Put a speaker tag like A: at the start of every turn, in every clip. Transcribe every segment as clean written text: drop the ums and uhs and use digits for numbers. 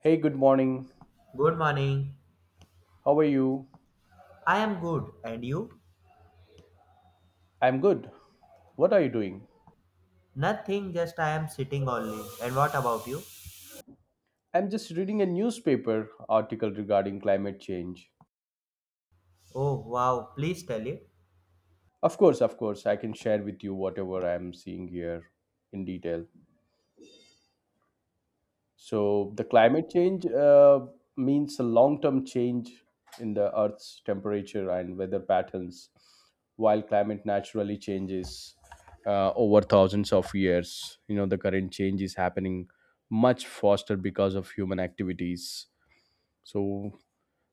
A: Hey, good morning.
B: Good morning.
A: How are you?
B: I am good. And you?
A: I'm good. What are you doing?
B: Nothing, just I am sitting only. And what about you?
A: I'm just reading a newspaper article regarding climate change.
B: Oh wow, please tell it.
A: Of course, I can share with you whatever I'm seeing here in detail. So, the climate change means a long term change in the Earth's temperature and weather patterns, while climate naturally changes over thousands of years. You know, the current change is happening much faster because of human activities. So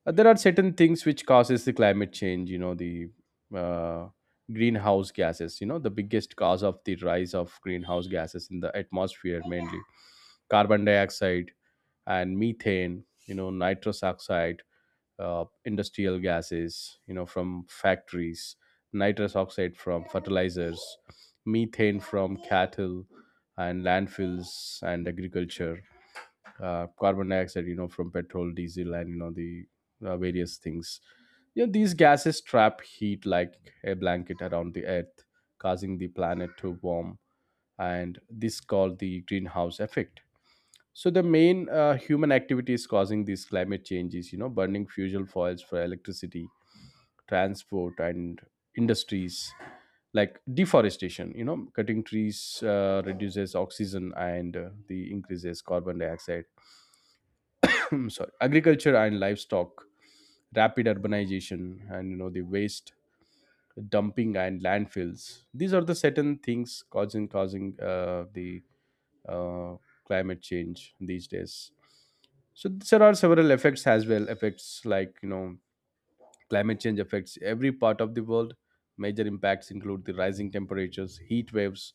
A: there are certain things which causes the climate change, you know, the uh, greenhouse gases. You know, the biggest cause of the rise of greenhouse gases in the atmosphere, mainly carbon dioxide and methane, you know, nitrous oxide, industrial gases, you know, from factories, nitrous oxide from fertilizers, methane from cattle and landfills and agriculture, carbon dioxide, you know, from petrol diesel, and you know the various things. You know, these gases trap heat like a blanket around the earth, causing the planet to warm, and this called the greenhouse effect. So the main human activities causing these climate changes, you know, burning fuel foils for electricity, transport and industries, like deforestation, you know, cutting trees reduces oxygen and the increases carbon dioxide. Sorry, agriculture and livestock, rapid urbanization, and you know the waste dumping and landfills. These are the certain things causing the uh, climate change these days. So there are several effects as well. Effects like, you know, climate change affects every part of the world. Major impacts include the rising temperatures, heat waves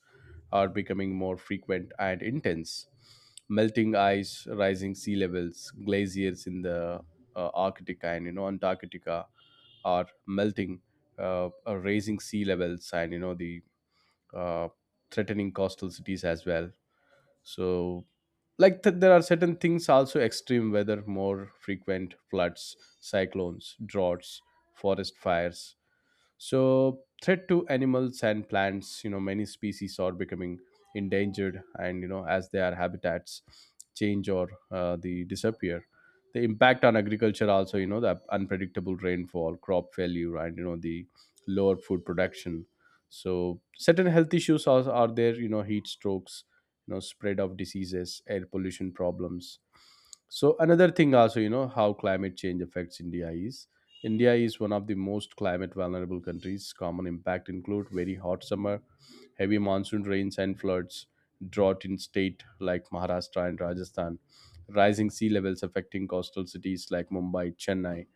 A: are becoming more frequent and intense, melting ice, rising sea levels, glaciers in the Arctic and, you know, Antarctica are melting, are raising sea levels, and you know the uh, threatening coastal cities as well. So like there are certain things also, extreme weather, more frequent floods, cyclones, droughts, forest fires, so threat to animals and plants, you know, many species are becoming endangered, and you know, as their habitats change or they disappear, the impact on agriculture also, you know, the unpredictable rainfall, crop failure, and you know the lower food production. So certain health issues are there, you know, heat strokes, you know, spread of diseases, air pollution problems. So another thing also, you know, how climate change affects india is, India is one of the most climate vulnerable countries. Common impact include very hot summer, heavy monsoon rains and floods, drought in state like Maharashtra and Rajasthan, rising sea levels affecting coastal cities like Mumbai, Chennai,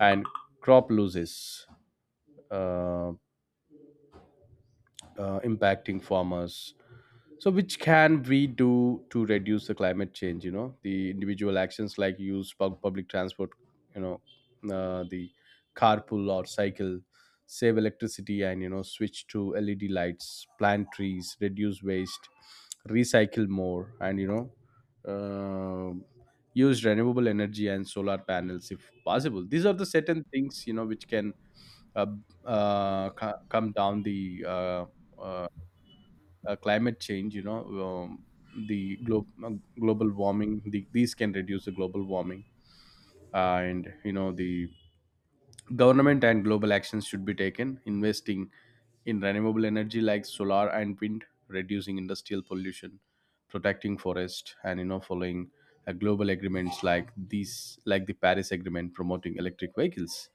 A: and crop losses uh, uh, impacting farmers. So, which can we do to reduce the climate change? You know, the individual actions like use public transport, you know, the carpool or cycle, save electricity, and you know, switch to LED lights, plant trees, reduce waste, recycle more, and you know, um use renewable energy and solar panels if possible. These are the certain things, you know, which can uh, come down the uh, climate change, you know, um, the global warming, these can reduce the global warming. And, you know, the government and global actions should be taken, investing in renewable energy like solar and wind, reducing industrial pollution, protecting forest, and, you know, following global agreements like these, like the Paris Agreement, promoting electric vehicles.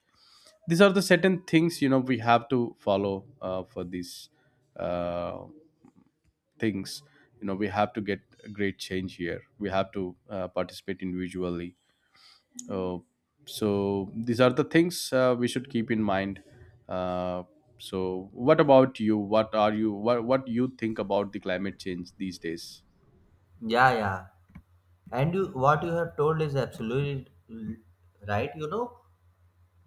A: These are the certain things, you know, we have to follow for this. Uh, Things, you know, we have to get a great change here, we have to participate individually. uh, so these are the things we should keep in mind. uh, so what about you? What are you, what you think about the climate change these days?
B: Yeah, yeah. And you, what you have told is absolutely right. You know,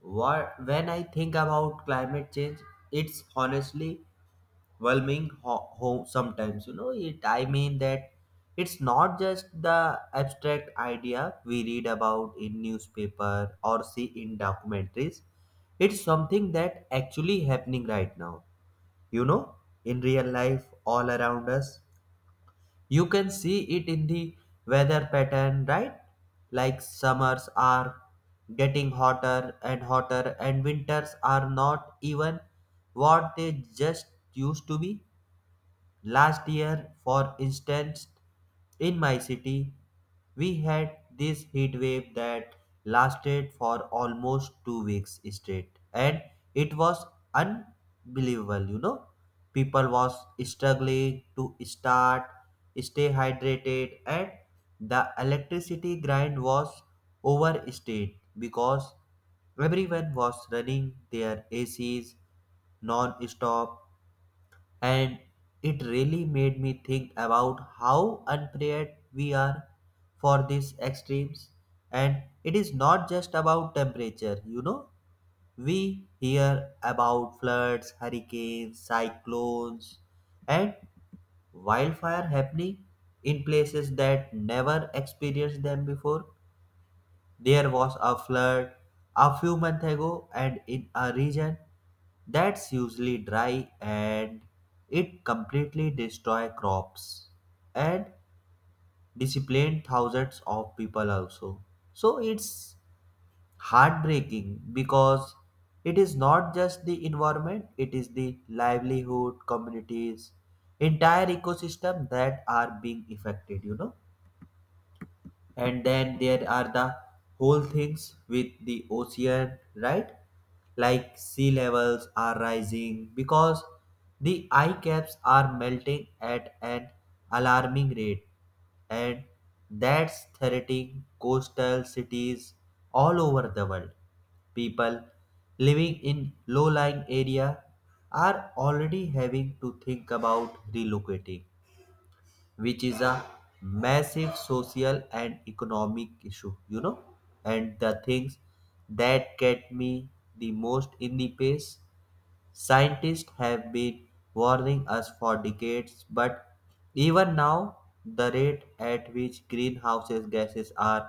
B: what when I think about climate change, it's honestly overwhelming sometimes, you know, it I mean that it's not just the abstract idea we read about in newspaper or see in documentaries, it's something that actually happening right now, you know, in real life all around us. You can see it in the weather pattern, right? Like summers are getting hotter and hotter and winters are not even what they just used to be. Last year, for instance, in my city, we had this heat wave that lasted for almost 2 weeks straight, and it was unbelievable. You know, people was struggling to start, stay hydrated, and the electricity grind was overstayed because everyone was running their ACs non-stop, and it really made me think about how unprepared we are for these extremes. And it is not just about temperature, you know, we hear about floods, hurricanes, cyclones, and wildfire happening in places that never experienced them before. There was a flood a few months ago, and in a region that's usually dry, and it completely destroyed crops and disciplined thousands of people also. So it's heartbreaking because it is not just the environment, it is the livelihood, communities, entire ecosystem that are being affected, you know. And then there are the whole things with the ocean, right? Like sea levels are rising because the ice caps are melting at an alarming rate, and that's threatening coastal cities all over the world. People living in low lying area are already having to think about relocating, which is a massive social and economic issue, you know. And the things that get me the most in the pace, scientists have been warning us for decades, but even now the rate at which greenhouse gases are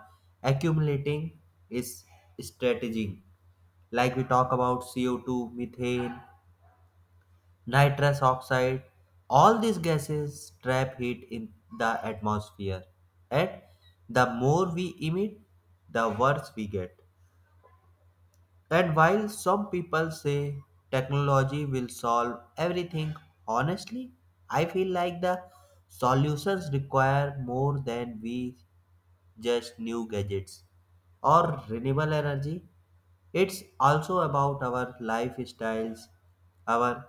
B: accumulating is strategic. Like, we talk about CO2, methane, nitrous oxide. All these gases trap heat in the atmosphere, and the more we emit, the worse we get. And while some people say technology will solve everything, honestly, I feel like the solutions require more than we just new gadgets or renewable energy. It's also about our lifestyles, our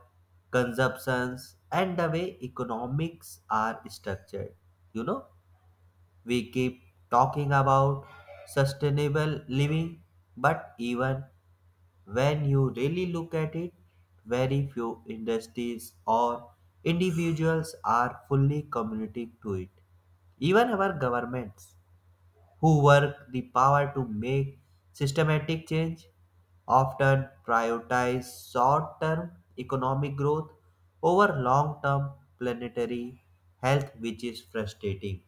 B: consumptions, and the way economics are structured. You know, we keep talking about sustainable living, but even when you really look at it, very few industries or individuals are fully committing to it. Even our governments who work the power to make systematic change often prioritize short term economic growth over long term planetary health, which is frustrating.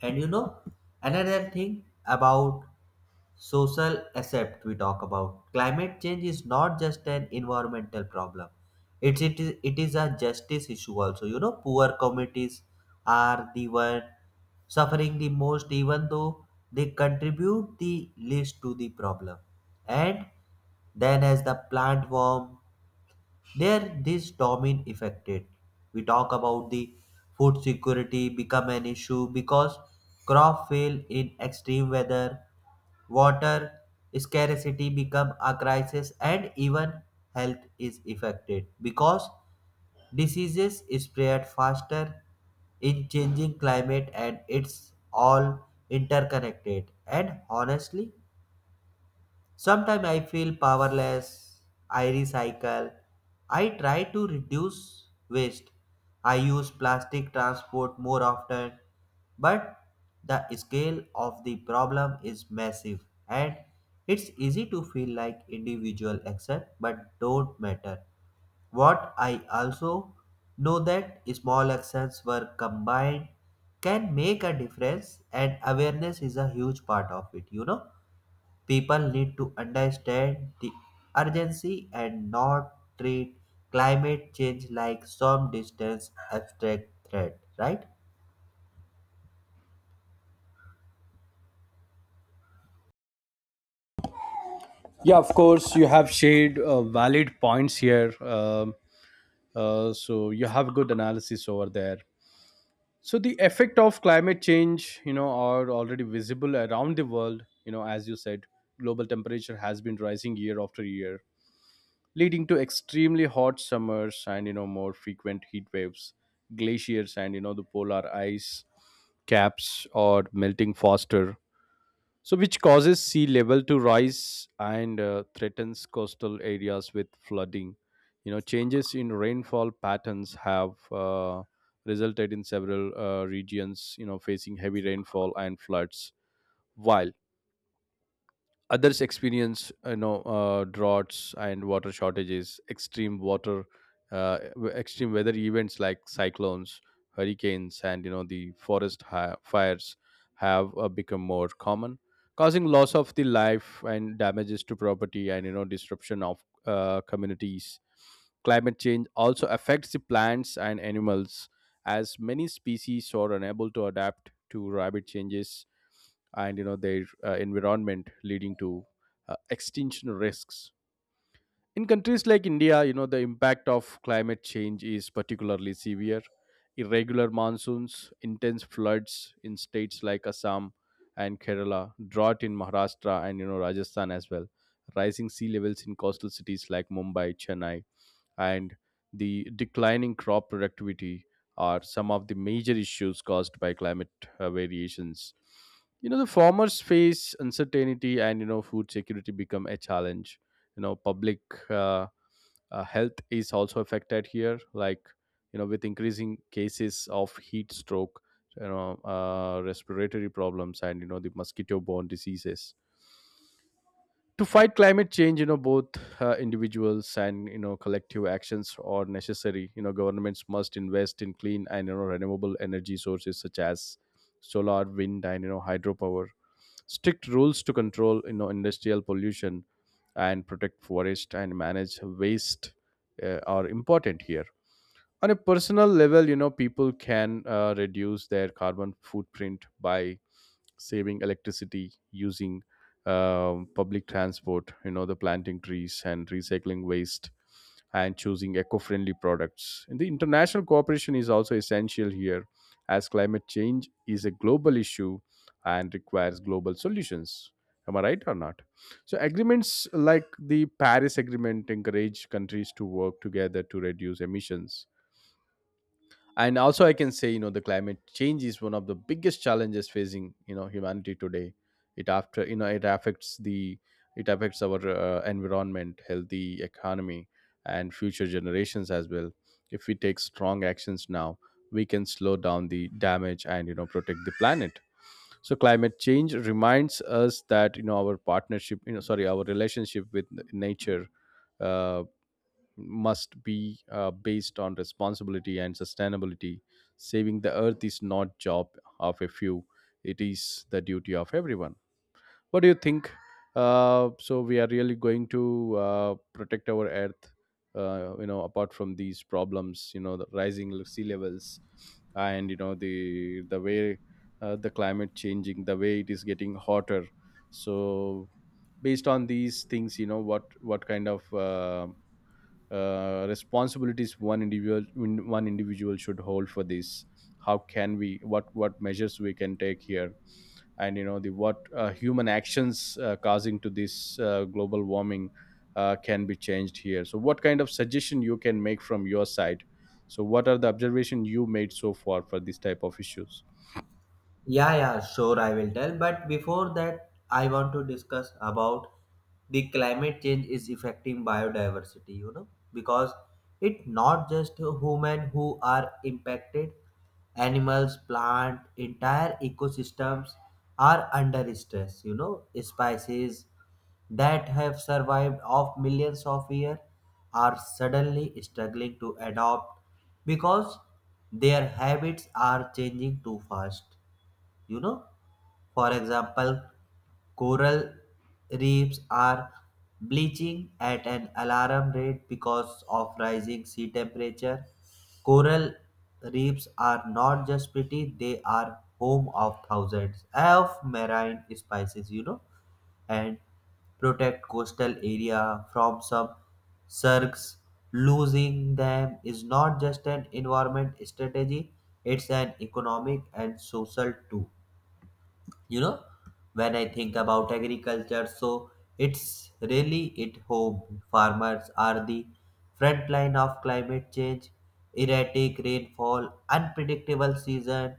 B: And you know, another thing about social accept we talk about climate change is not just an environmental problem, it is a justice issue also, you know. Poor communities are the one suffering the most even though they contribute the least to the problem. And then as the plant warm, there, this domain affected. We talk about the food security become an issue because crop fail in extreme weather, water scarcity become a crisis, and even health is affected because diseases spread faster in changing climate, and it's all interconnected. And honestly, sometimes I feel powerless. I recycle. I try to reduce waste. I use plastic transport more often. But the scale of the problem is massive, and it's easy to feel like individual action but don't matter. What I also know that small actions were combined can make a difference, and awareness is a huge part of it, you know? People need to understand the urgency and not treat climate change like some distant abstract threat, right?
A: Yeah, of course, you have shared valid points here. So you have good analysis over there. So the effect of climate change, you know, are already visible around the world. You know, as you said, global temperature has been rising year after year, leading to extremely hot summers and, you know, more frequent heat waves, glaciers and you know the polar ice caps are melting faster, so which causes sea level to rise and threatens coastal areas with flooding. You know, changes in rainfall patterns have resulted in several regions, you know, facing heavy rainfall and floods, while others experience droughts and water shortages. Extreme water extreme weather events like cyclones, hurricanes, and you know the forest fires have become more common, causing loss of the life and damages to property and, you know, disruption of communities. Climate change also affects the plants and animals, as many species are unable to adapt to rapid changes and, you know, their environment, leading to extinction risks. In countries like india, you know, the impact of climate change is particularly severe. Irregular monsoons, intense floods in states like assam and kerala, drought in maharashtra and, you know, rajasthan as well, rising sea levels in coastal cities like mumbai, chennai, and the declining crop productivity are some of the major issues caused by climate variations. You know, the farmers face uncertainty, and, you know, food security become a challenge. You know, public uh, health is also affected here, like, you know, with increasing cases of heat stroke, you know, respiratory problems and, you know, the mosquito borne diseases. To fight climate change, you know, both individuals and, you know, collective actions are necessary. You know, governments must invest in clean and, you know, renewable energy sources such as solar, wind, and, you know, hydropower. Strict rules to control, you know, industrial pollution and protect forest and manage waste are important here. On a personal level, you know, people can reduce their carbon footprint by saving electricity, using public transport, you know, the planting trees and recycling waste and choosing eco-friendly products. And the international cooperation is also essential here, as climate change is a global issue and requires global solutions, am I right or not? So agreements like the paris agreement encourage countries to work together to reduce emissions. And also I can say, you know, the climate change is one of the biggest challenges facing, you know, humanity today. It after, you know, it affects the, it affects our environment, healthy economy, and future generations as well. If we take strong actions now, we can slow down the damage and, you know, protect the planet. So climate change reminds us that, you know, our partnership, you know, sorry, our relationship with nature uh, must be based on responsibility and sustainability. Saving the earth is not job of a few; it is the duty of everyone. What do you think? So we are really going to protect our earth. You know, apart from these problems, you know, the rising sea levels, and you know the way the climate changing, the way it is getting hotter. So based on these things, you know, what kind of responsibilities one individual one individual should hold for this? How can we, what measures we can take here? And, you know, the what human actions causing to this global warming can be changed here. So what kind of suggestion you can make from your side? So what are the observation you made so far for this type of issues?
B: Yeah, yeah, sure, I will tell. But before that, I want to discuss about the climate change is affecting biodiversity, you know, because it not just human who are impacted, animals, plant, entire ecosystems are under stress, you know, species that have survived of millions of years are suddenly struggling to adapt because their habits are changing too fast. You know, for example, coral reefs are bleaching at an alarm rate because of rising sea temperature. Coral reefs are not just pretty, they are home of thousands of marine species, you know, and protect coastal area from some sharks. Losing them is not just an environment strategy, it's an economic and social too, you know. When I think about agriculture, so it's really it home, farmers are the front line of climate change. Erratic rainfall, unpredictable season,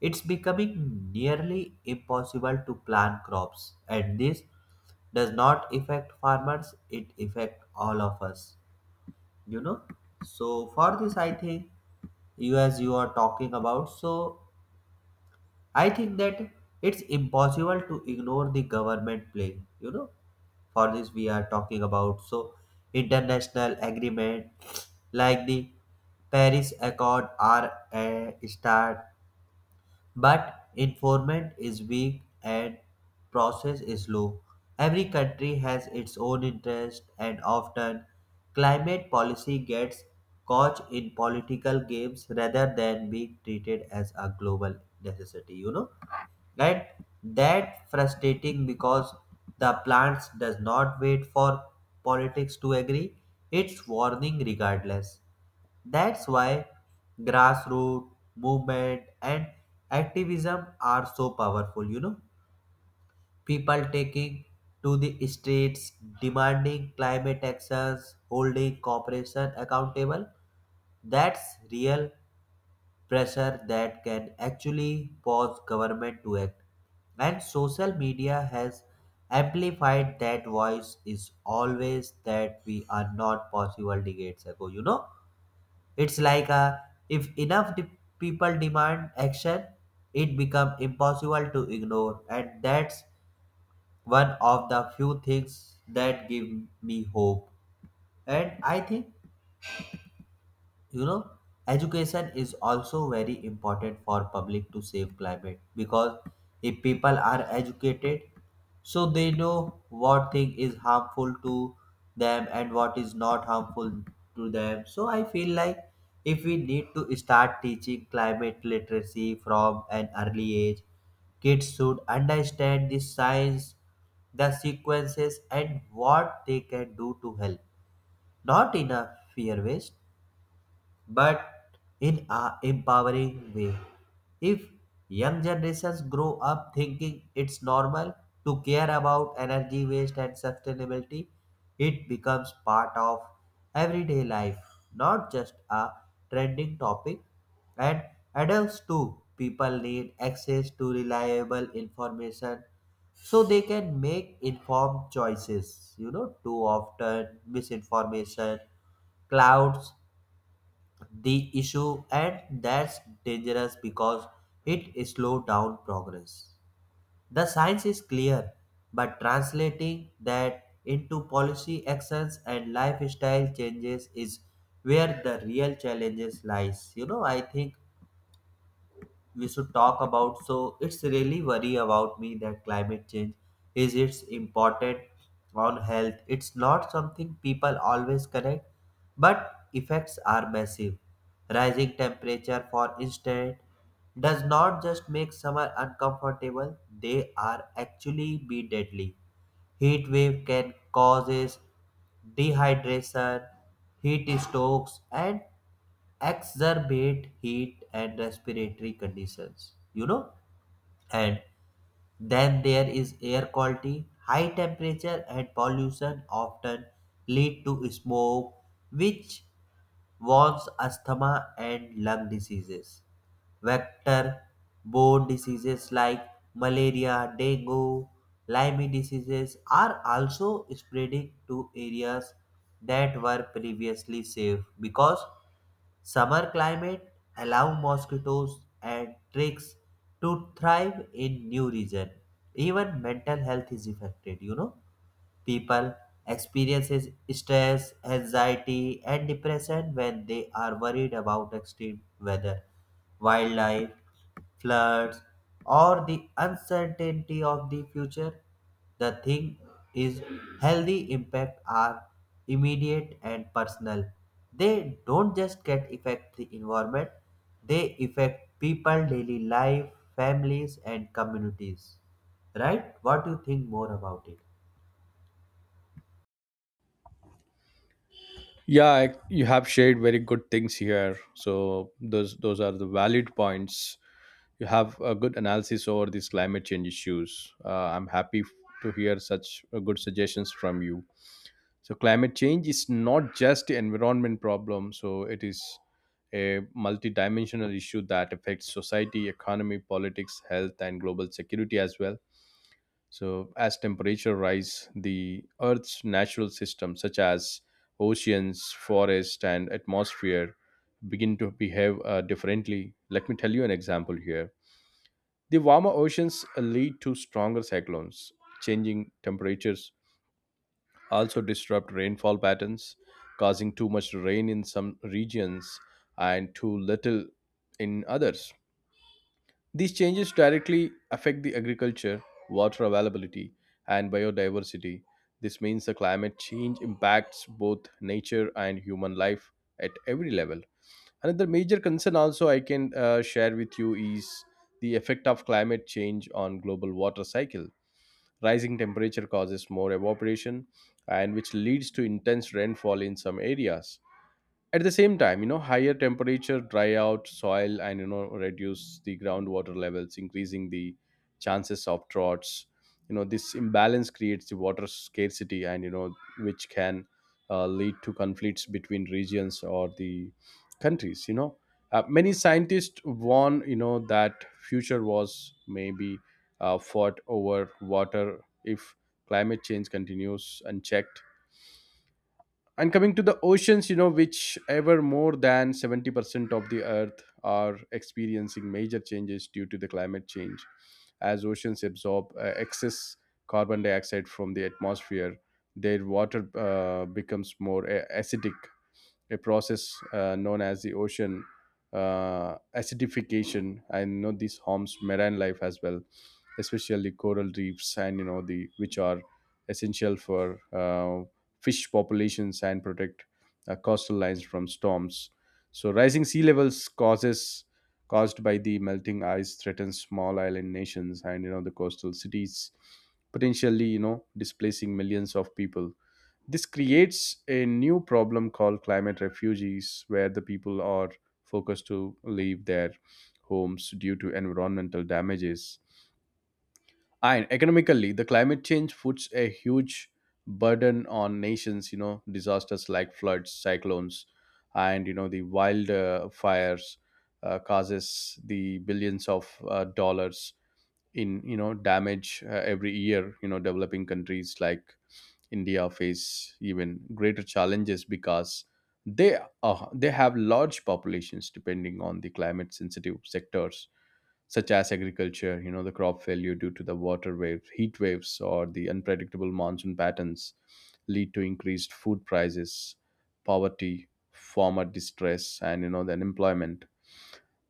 B: it's becoming nearly impossible to plant crops, and this does not affect farmers, it affect all of us, you know. So for this I think, you, as you are talking about, so I think that it's impossible to ignore the government play, you know. For this, we are talking about, so international agreement like the Paris Accord are a start, but enforcement is weak and process is slow. Every country has its own interest, and often climate policy gets caught in political games rather than being treated as a global necessity. You know, right, that frustrating because the plants does not wait for politics to agree, it's warning regardless. That's why grassroots movement and activism are so powerful, you know. People taking to the streets, demanding climate actions, holding corporation accountable, that's real pressure that can actually force government to act. And social media has amplified that voice is always that we are not possible decades ago. You know, it's like a, if enough people demand action, it become impossible to ignore. And that's one of the few things that give me hope. And I think, you know, education is also very important for public to save climate because if people are educated, so they know what thing is harmful to them and what is not harmful to them. So I feel like if we need to start teaching climate literacy from an early age, kids should understand the science, the sequences, and what they can do to help, not in a fear waste, but in a empowering way. If young generations grow up thinking it's normal to care about energy waste and sustainability, it becomes part of everyday life, not just a trending topic. And adults too, people need access to reliable information so they can make informed choices. You know, too often misinformation clouds the issue, and that's dangerous because it slows down progress. The science is clear, but translating that into policy actions and lifestyle changes is where the real challenges lies. You know, I think we should talk about. So it's really worry about me that climate change is its important on health. It's not something people always connect, but effects are massive. Rising temperature, for instance, does not just make summer uncomfortable; they are actually be deadly. Heat wave can causes dehydration, heat strokes, and exacerbate heat and respiratory conditions. You know, and then there is air quality. High temperature and pollution often lead to smoke, which warms asthma and lung diseases. Vector borne diseases like malaria, dengue, Lyme diseases are also spreading to areas that were previously safe because summer climate allow mosquitoes and ticks to thrive in new region. Even mental health is affected, you know. People experiences stress, anxiety, and depression when they are worried about extreme weather, wildlife, floods, or the uncertainty of the future. The thing is, healthy impact are immediate and personal. They don't just get affect the environment; they affect people daily life, families, and communities. Right? What do you think more about it?
A: Yeah, I, you have shared very good things here, so those are the valid points. You have a good analysis over these climate change issues. I'm happy to hear such good suggestions from you. So, climate change is not just an environment problem. So, it is a multidimensional issue that affects society, economy, politics, health, and global security as well. So, as temperature rise, the Earth's natural systems such as oceans, forest, and atmosphere begin to behave differently. Let me tell you an example here. The warmer oceans lead to stronger cyclones. Changing temperatures also disrupt rainfall patterns, causing too much rain in some regions and too little in others. These changes directly affect the agriculture, water availability, and biodiversity. This means the climate change impacts both nature and human life at every level. Another major concern also I can share with you is the effect of climate change on global water cycle. Rising temperature causes more evaporation and which leads to intense rainfall in some areas. At the same time, higher temperature dry out soil and reduce the groundwater levels, increasing the chances of droughts. You know, this imbalance creates the water scarcity, and which can lead to conflicts between regions or the countries. Many scientists warn that future wars may be fought over water if climate change continues unchecked. And coming to the oceans, which ever more than 70% of the earth are experiencing major changes due to the climate change. As oceans absorb excess carbon dioxide from the atmosphere, their water becomes more acidic, a process known as the ocean acidification. I know this harms marine life as well, especially coral reefs, and you know the which are essential for fish populations and protect coastal lines from storms. So rising sea levels causes caused by the melting ice threatens small island nations and the coastal cities, potentially displacing millions of people. This creates a new problem called climate refugees, where the people are forced to leave their homes due to environmental damages. And economically, the climate change puts a huge burden on nations. Disasters like floods, cyclones, and, the wildfires causes the billions of dollars in, damage every year. Developing countries like India face even greater challenges because they they have large populations depending on the climate sensitive sectors such as agriculture. You know, the crop failure due to the water waves, heat waves, or the unpredictable monsoon patterns lead to increased food prices, poverty, farmer distress, and the unemployment.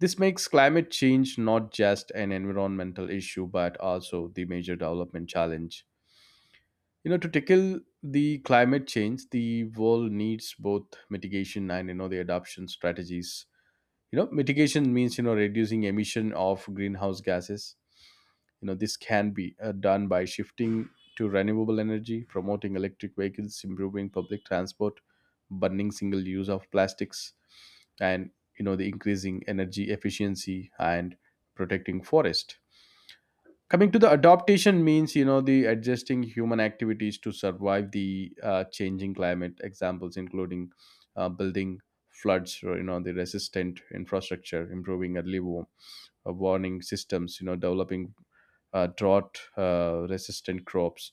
A: This makes climate change not just an environmental issue, but also the major development challenge. To tackle the climate change, the world needs both mitigation and the adoption strategies. Mitigation means reducing emission of greenhouse gases. You know, this can be done by shifting to renewable energy, promoting electric vehicles, improving public transport, banning single use of plastics, and the increasing energy efficiency, and protecting forest. Coming to the adaptation means the adjusting human activities to survive the changing climate. Examples including building floods or the resistant infrastructure, improving early warm warning systems, developing drought resistant crops,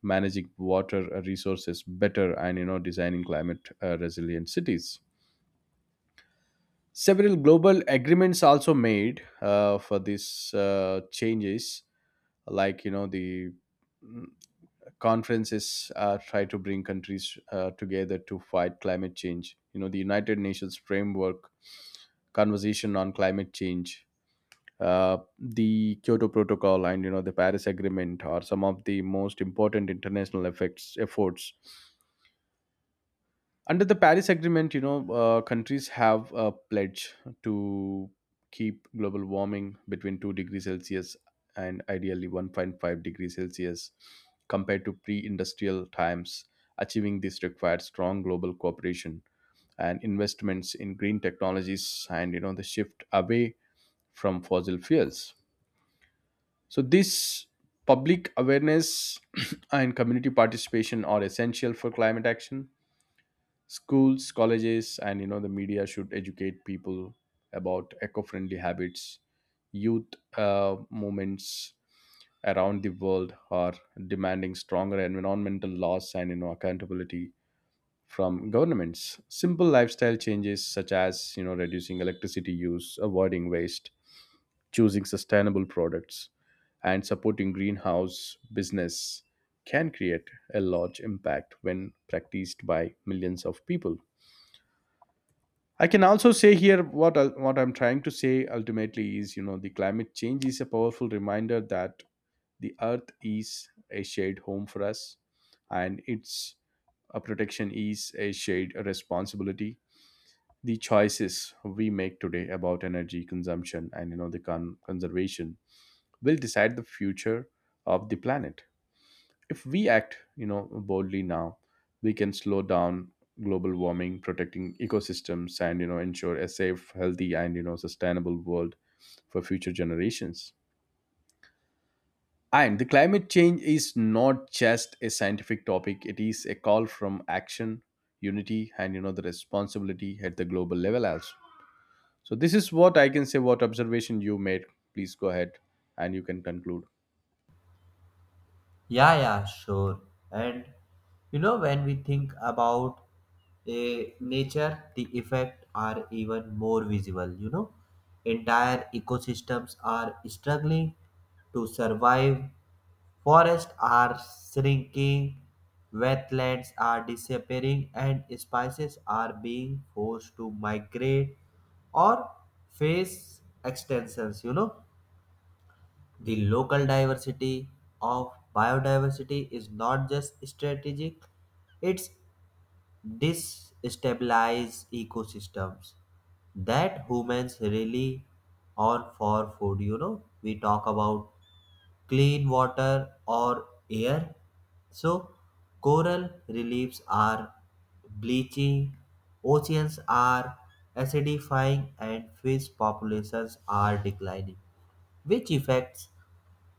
A: managing water resources better, and, designing climate resilient cities. Several global agreements also made for these changes, like, the mm, conferences try to bring countries together to fight climate change. The United Nations framework conversation on climate change, the Kyoto Protocol, and the Paris Agreement are some of the most important international effects efforts. Under the Paris Agreement, countries have a pledge to keep global warming between 2 degrees Celsius and ideally 1.5 degrees Celsius compared to pre-industrial times. Achieving this requires strong global cooperation and investments in green technologies and the shift away from fossil fuels. So, this public awareness and community participation are essential for climate action. Schools, colleges, and the media should educate people about eco-friendly habits. Youth movements around the world are demanding stronger environmental laws and accountability from governments. Simple lifestyle changes such as reducing electricity use, avoiding waste, choosing sustainable products, and supporting greenhouse business can create a large impact when practiced by millions of people. I can also say here what I'm trying to say ultimately is the climate change is a powerful reminder that the earth is a shared home for us, and its a protection is a shared responsibility. The choices we make today about energy consumption and conservation will decide the future of the planet. If we act, boldly now, we can slow down global warming, protecting ecosystems, and ensure a safe, healthy, and sustainable world for future generations. And the climate change is not just a scientific topic; it is a call from action, unity, and the responsibility at the global level as. So this is what I can say. What observation you made? Please go ahead, and you can conclude.
B: Yeah, yeah, sure. And you know, when we think about a nature, the effects are even more visible. You know, entire ecosystems are struggling to survive. Forests are shrinking, wetlands are disappearing, and species are being forced to migrate or face extensions. You know, the local diversity of biodiversity is not just strategic, it's destabilize ecosystems that humans rely on for food. You know, we talk about clean water or air. So, coral reliefs are bleaching, oceans are acidifying, and fish populations are declining, which affects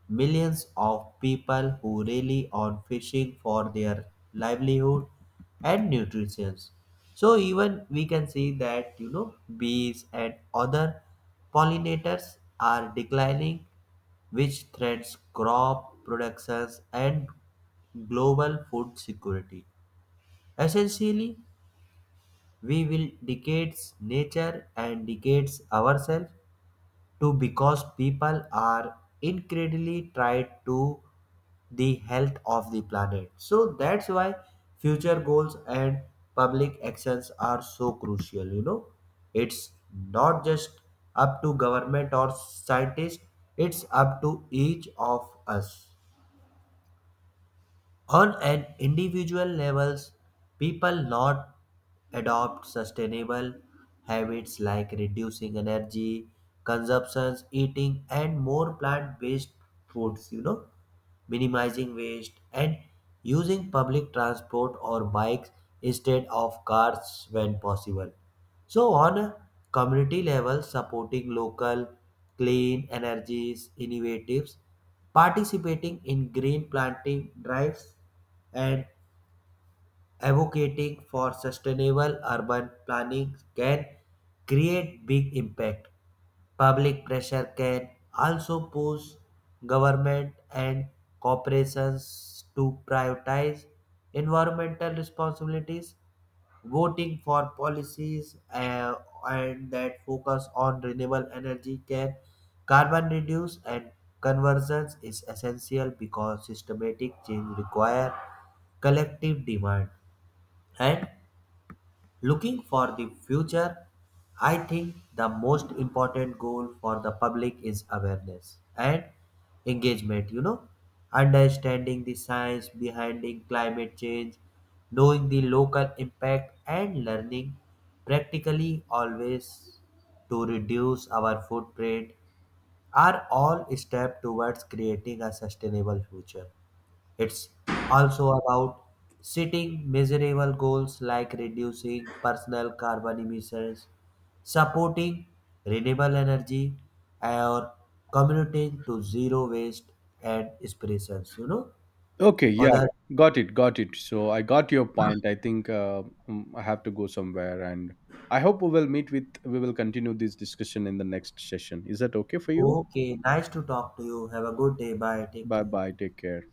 B: millions of people who rely on fishing for their livelihood and nutrition. So even we can see that, you know, bees and other pollinators are declining, which threatens crop productions and global food security. Essentially, we will decades nature and decades ourselves to, because people are incredibly tied to the health of the planet. So that's why future goals and public actions are so crucial. You know, it's not just up to government or scientists, it's up to each of us. On an individual levels, people not adopt sustainable habits like reducing energy consumptions, eating and more plant-based foods, you know, minimizing waste, and using public transport or bikes instead of cars when possible. So, on a community level, supporting local clean energies innovatives, participating in green planting drives, and advocating for sustainable urban planning can create big impact. Public pressure can also push government and corporations to prioritize environmental responsibilities. Voting for policies and that focus on renewable energy can carbon reduce and conversions is essential because systematic change require collective demand, and looking for the future, I think the most important goal for the public is awareness and engagement, you know, understanding the science behind the climate change, knowing the local impact and learning practically always to reduce our footprint are all steps towards creating a sustainable future. It's also about setting measurable goals like reducing personal carbon emissions, supporting renewable energy, or committing to zero waste and inspirations. You know,
A: Okay, yeah,
B: other
A: got it, got it. So I got your point. I think I have to go somewhere, and I hope we will meet with. We will continue this discussion in the next session. Is that okay for you?
B: okay. Nice to talk to you. Have a good day. Bye. Take
A: Bye
B: care.
A: bye. Take care.